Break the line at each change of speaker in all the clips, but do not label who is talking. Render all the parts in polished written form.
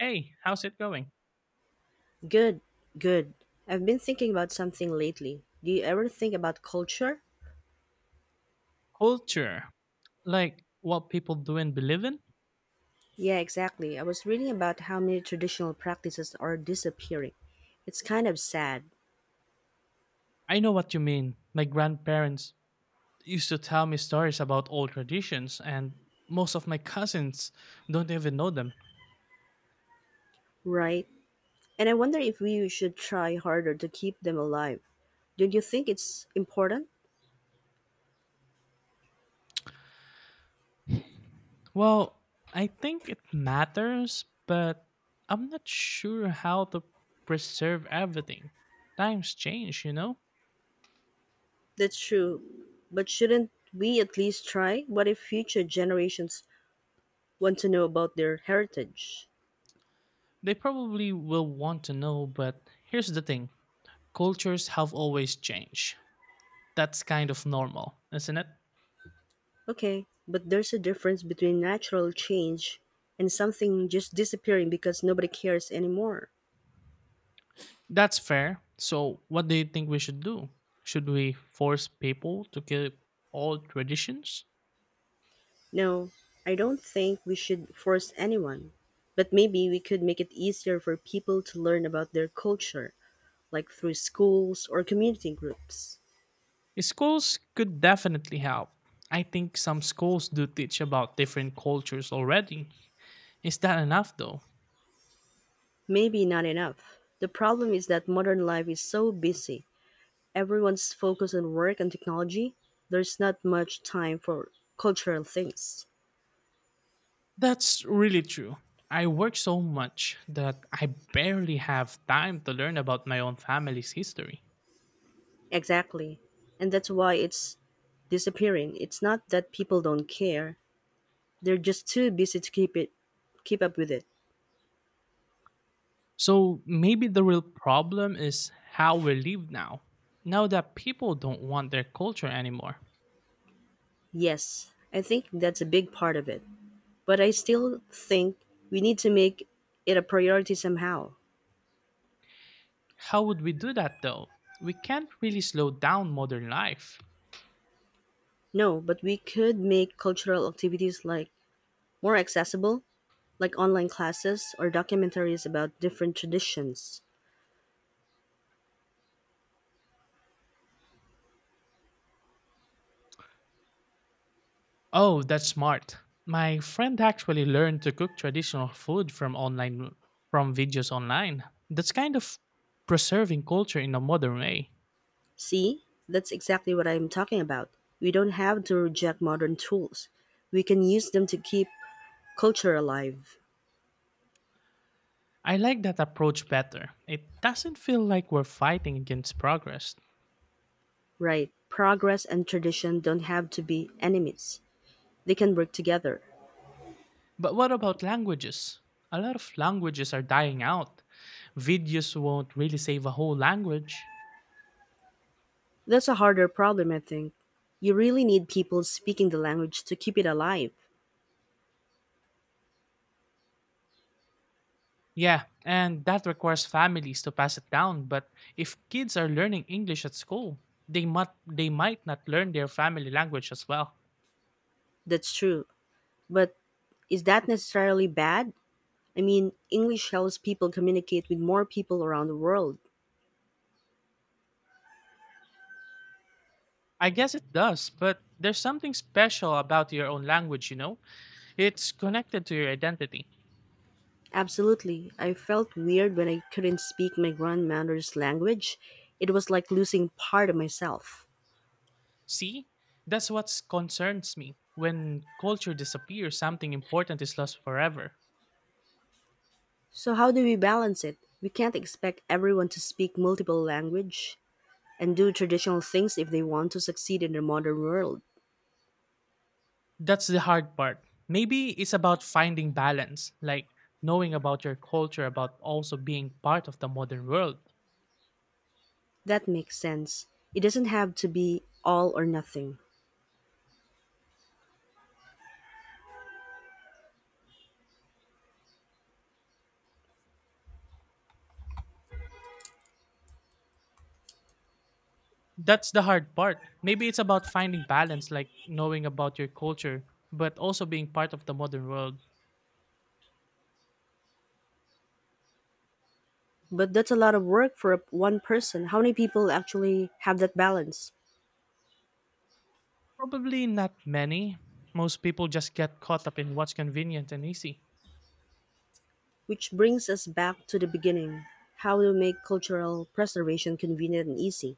Hey, how's it going?
Good, good. I've been thinking about something lately. Do you ever think about culture?
Culture. Like what people do and believe in?
Yeah, exactly. I was reading about how many traditional practices are disappearing. It's kind of sad,
I know what you mean. My grandparents used to tell me stories about old traditions, and most of my cousins don't even know them.
right? And I wonder if we should try harder to keep them alive. Don't you think it's important?
Well, I think it matters, but I'm not sure how to preserve everything. Times change, you know?
That's true. But shouldn't we at least try? What if future generations want to know about their heritage?
They probably will want to know, but here's the thing, cultures have always changed. That's kind of normal, isn't it?
Okay, but there's a difference between natural change and something just disappearing because nobody cares anymore.
That's fair. So, what do you think we should do? Should we force people to keep all traditions?
No, I don't think we should force anyone. But maybe we could make it easier for people to learn about their culture, like through schools or community groups.
Schools could definitely help. I think some schools do teach about different cultures already. Is that enough though?
Maybe not enough. The problem is that modern life is so busy. Everyone's focused on work and technology. There's not much time for cultural things.
That's really true. I work so much that I barely have time to learn about my own family's history.
Exactly. And that's why it's disappearing. It's not that people don't care. They're just too busy to keep up with it.
So maybe the real problem is how we live now. Now that people don't want their culture anymore.
Yes, I think that's a big part of it. But I still think we need to make it a priority somehow.
How would we do that though? We can't really slow down modern life.
No, but we could make cultural activities like more accessible, like online classes or documentaries about different traditions.
Oh, that's smart. My friend actually learned to cook traditional food from online, from videos online. That's kind of preserving culture in a modern way.
See? That's exactly what I'm talking about. We don't have to reject modern tools. We can use them to keep culture alive.
I like that approach better. It doesn't feel like we're fighting against progress.
Right. Progress and tradition don't have to be enemies. They can work together.
But what about languages? A lot of languages are dying out. Videos won't really save a whole language.
That's a harder problem, I think. You really need people speaking the language to keep it alive.
Yeah, and that requires families to pass it down, but if kids are learning English at school, they might not learn their family language as well.
That's true. But is that necessarily bad? I mean, English helps people communicate with more people around the world.
I guess it does, but there's something special about your own language, you know? It's connected to your identity.
Absolutely. I felt weird when I couldn't speak my grandmother's language. It was like losing part of myself.
See? That's what concerns me. When culture disappears, something important is lost forever.
So how do we balance it? We can't expect everyone to speak multiple language and do traditional things if they want to succeed in the modern world.
That's the hard part. Maybe it's about finding balance, like knowing about your culture, about also being part of the modern world.
That makes sense. It doesn't have to be all or nothing.
That's the hard part. Maybe it's about finding balance, like knowing about your culture, but also being part of the modern world.
But that's a lot of work for one person. How many people actually have that balance?
Probably not many. Most people just get caught up in what's convenient and easy.
Which brings us back to the beginning. How to make cultural preservation convenient and easy.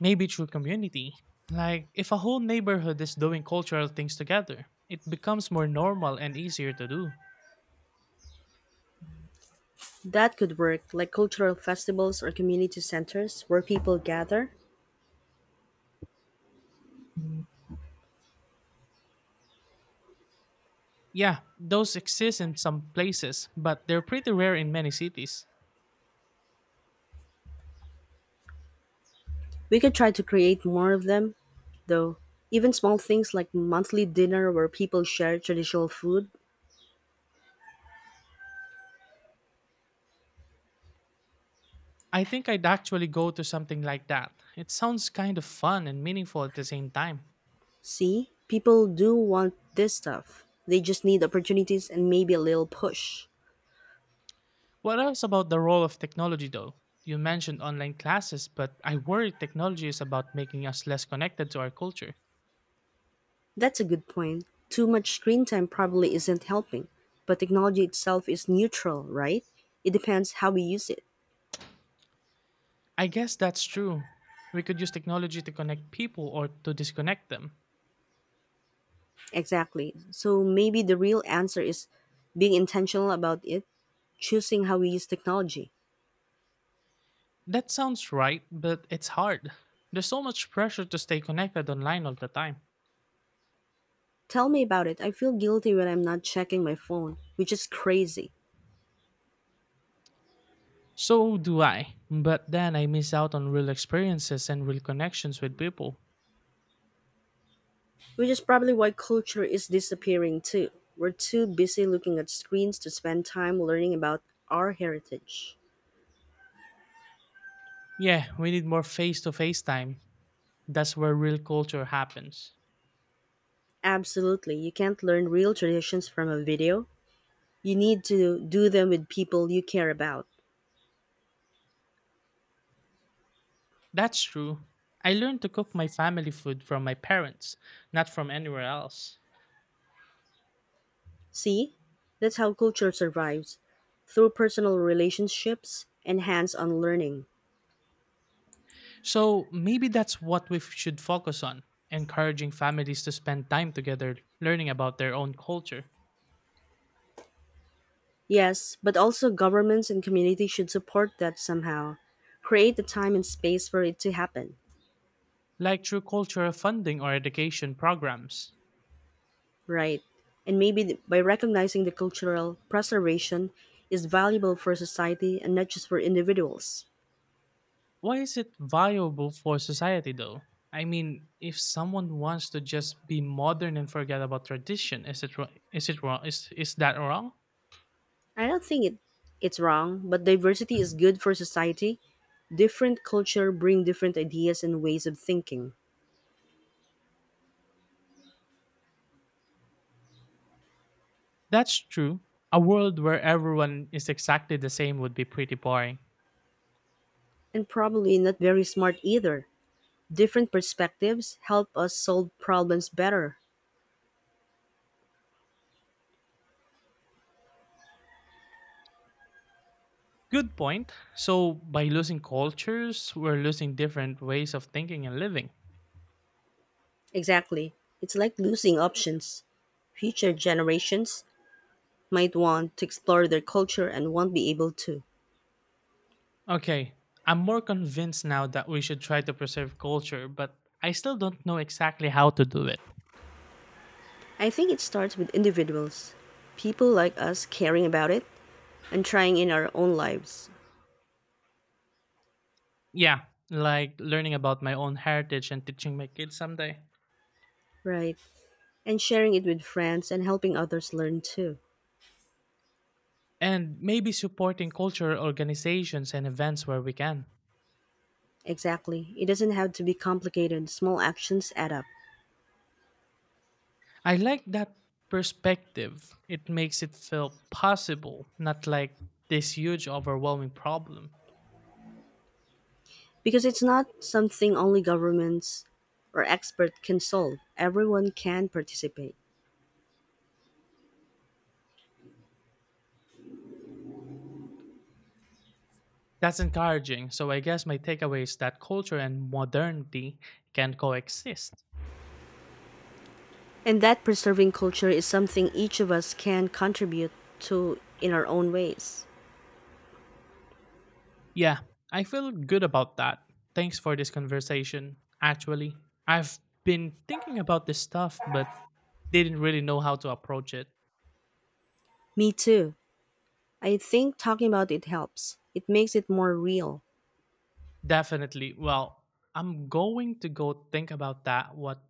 Maybe through community. Like, if a whole neighborhood is doing cultural things together, it becomes more normal and easier to do.
That could work, like cultural festivals or community centers where people gather.
Yeah, those exist in some places, but they're pretty rare in many cities.
We could try to create more of them, though. Even small things like monthly dinner where people share traditional food.
I think I'd actually go to something like that. It sounds kind of fun and meaningful at the same time.
See, people do want this stuff. They just need opportunities and maybe a little push.
What else about the role of technology, though? You mentioned online classes, but I worry technology is about making us less connected to our culture.
That's a good point. Too much screen time probably isn't helping, but technology itself is neutral, right? It depends how we use it.
I guess that's true. We could use technology to connect people or to disconnect them.
Exactly. So maybe the real answer is being intentional about it, choosing how we use technology.
That sounds right, but it's hard. There's so much pressure to stay connected online all the time.
Tell me about it. I feel guilty when I'm not checking my phone, which is crazy.
So do I, but then I miss out on real experiences and real connections with people.
Which is probably why culture is disappearing too. We're too busy looking at screens to spend time learning about our heritage.
Yeah, we need more face to face time. That's where real culture happens.
Absolutely, you can't learn real traditions from a video. You need to do them with people you care about.
That's true. I learned to cook my family food from my parents, not from anywhere else.
See? That's how culture survives through personal relationships and hands on learning.
So maybe that's what we should focus on, encouraging families to spend time together learning about their own culture,
Yes, but also governments and community should support that somehow. Create the time and space for it to happen.
like through cultural funding or education programs.
Right. And maybe by recognizing the cultural preservation is valuable for society and not just for individuals.
Why is it viable for society though? I mean, if someone wants to just be modern and forget about tradition, is it wrong? Is it wrong? Is that wrong?
I don't think it's wrong, but diversity is good for society. Different culture bring different ideas and ways of thinking.
That's true. A world where everyone is exactly the same would be pretty boring.
And probably not very smart either. Different perspectives help us solve problems better.
Good point. So by losing cultures, we're losing different ways of thinking and living.
Exactly. It's like losing options. Future generations might want to explore their culture and won't be able to.
Okay, I'm more convinced now that we should try to preserve culture, but I still don't know exactly how to do it.
I think it starts with individuals, people like us caring about it and trying in our own lives.
Yeah, like learning about my own heritage and teaching my kids someday.
Right. And sharing it with friends and helping others learn too.
And maybe supporting cultural organizations and events where we can.
Exactly. It doesn't have to be complicated. Small actions add up.
I like that perspective. It makes it feel possible, not like this huge, overwhelming problem.
Because it's not something only governments or experts can solve. Everyone can participate.
That's encouraging, so I guess my takeaway is that culture and modernity can coexist.
And that preserving culture is something each of us can contribute to in our own ways.
Yeah, I feel good about that. Thanks for this conversation. Actually, I've been thinking about this stuff, but didn't really know how to approach it.
Me too. I think talking about it helps. It makes it more real.
Definitely. Well, I'm going to go think about that, what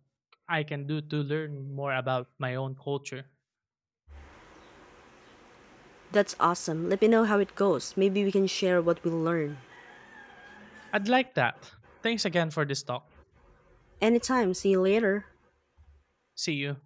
I can do to learn more about my own culture.
That's awesome. Let me know how it goes. Maybe we can share what we learn.
I'd like that. Thanks again for this talk.
Anytime. See you later.
See you.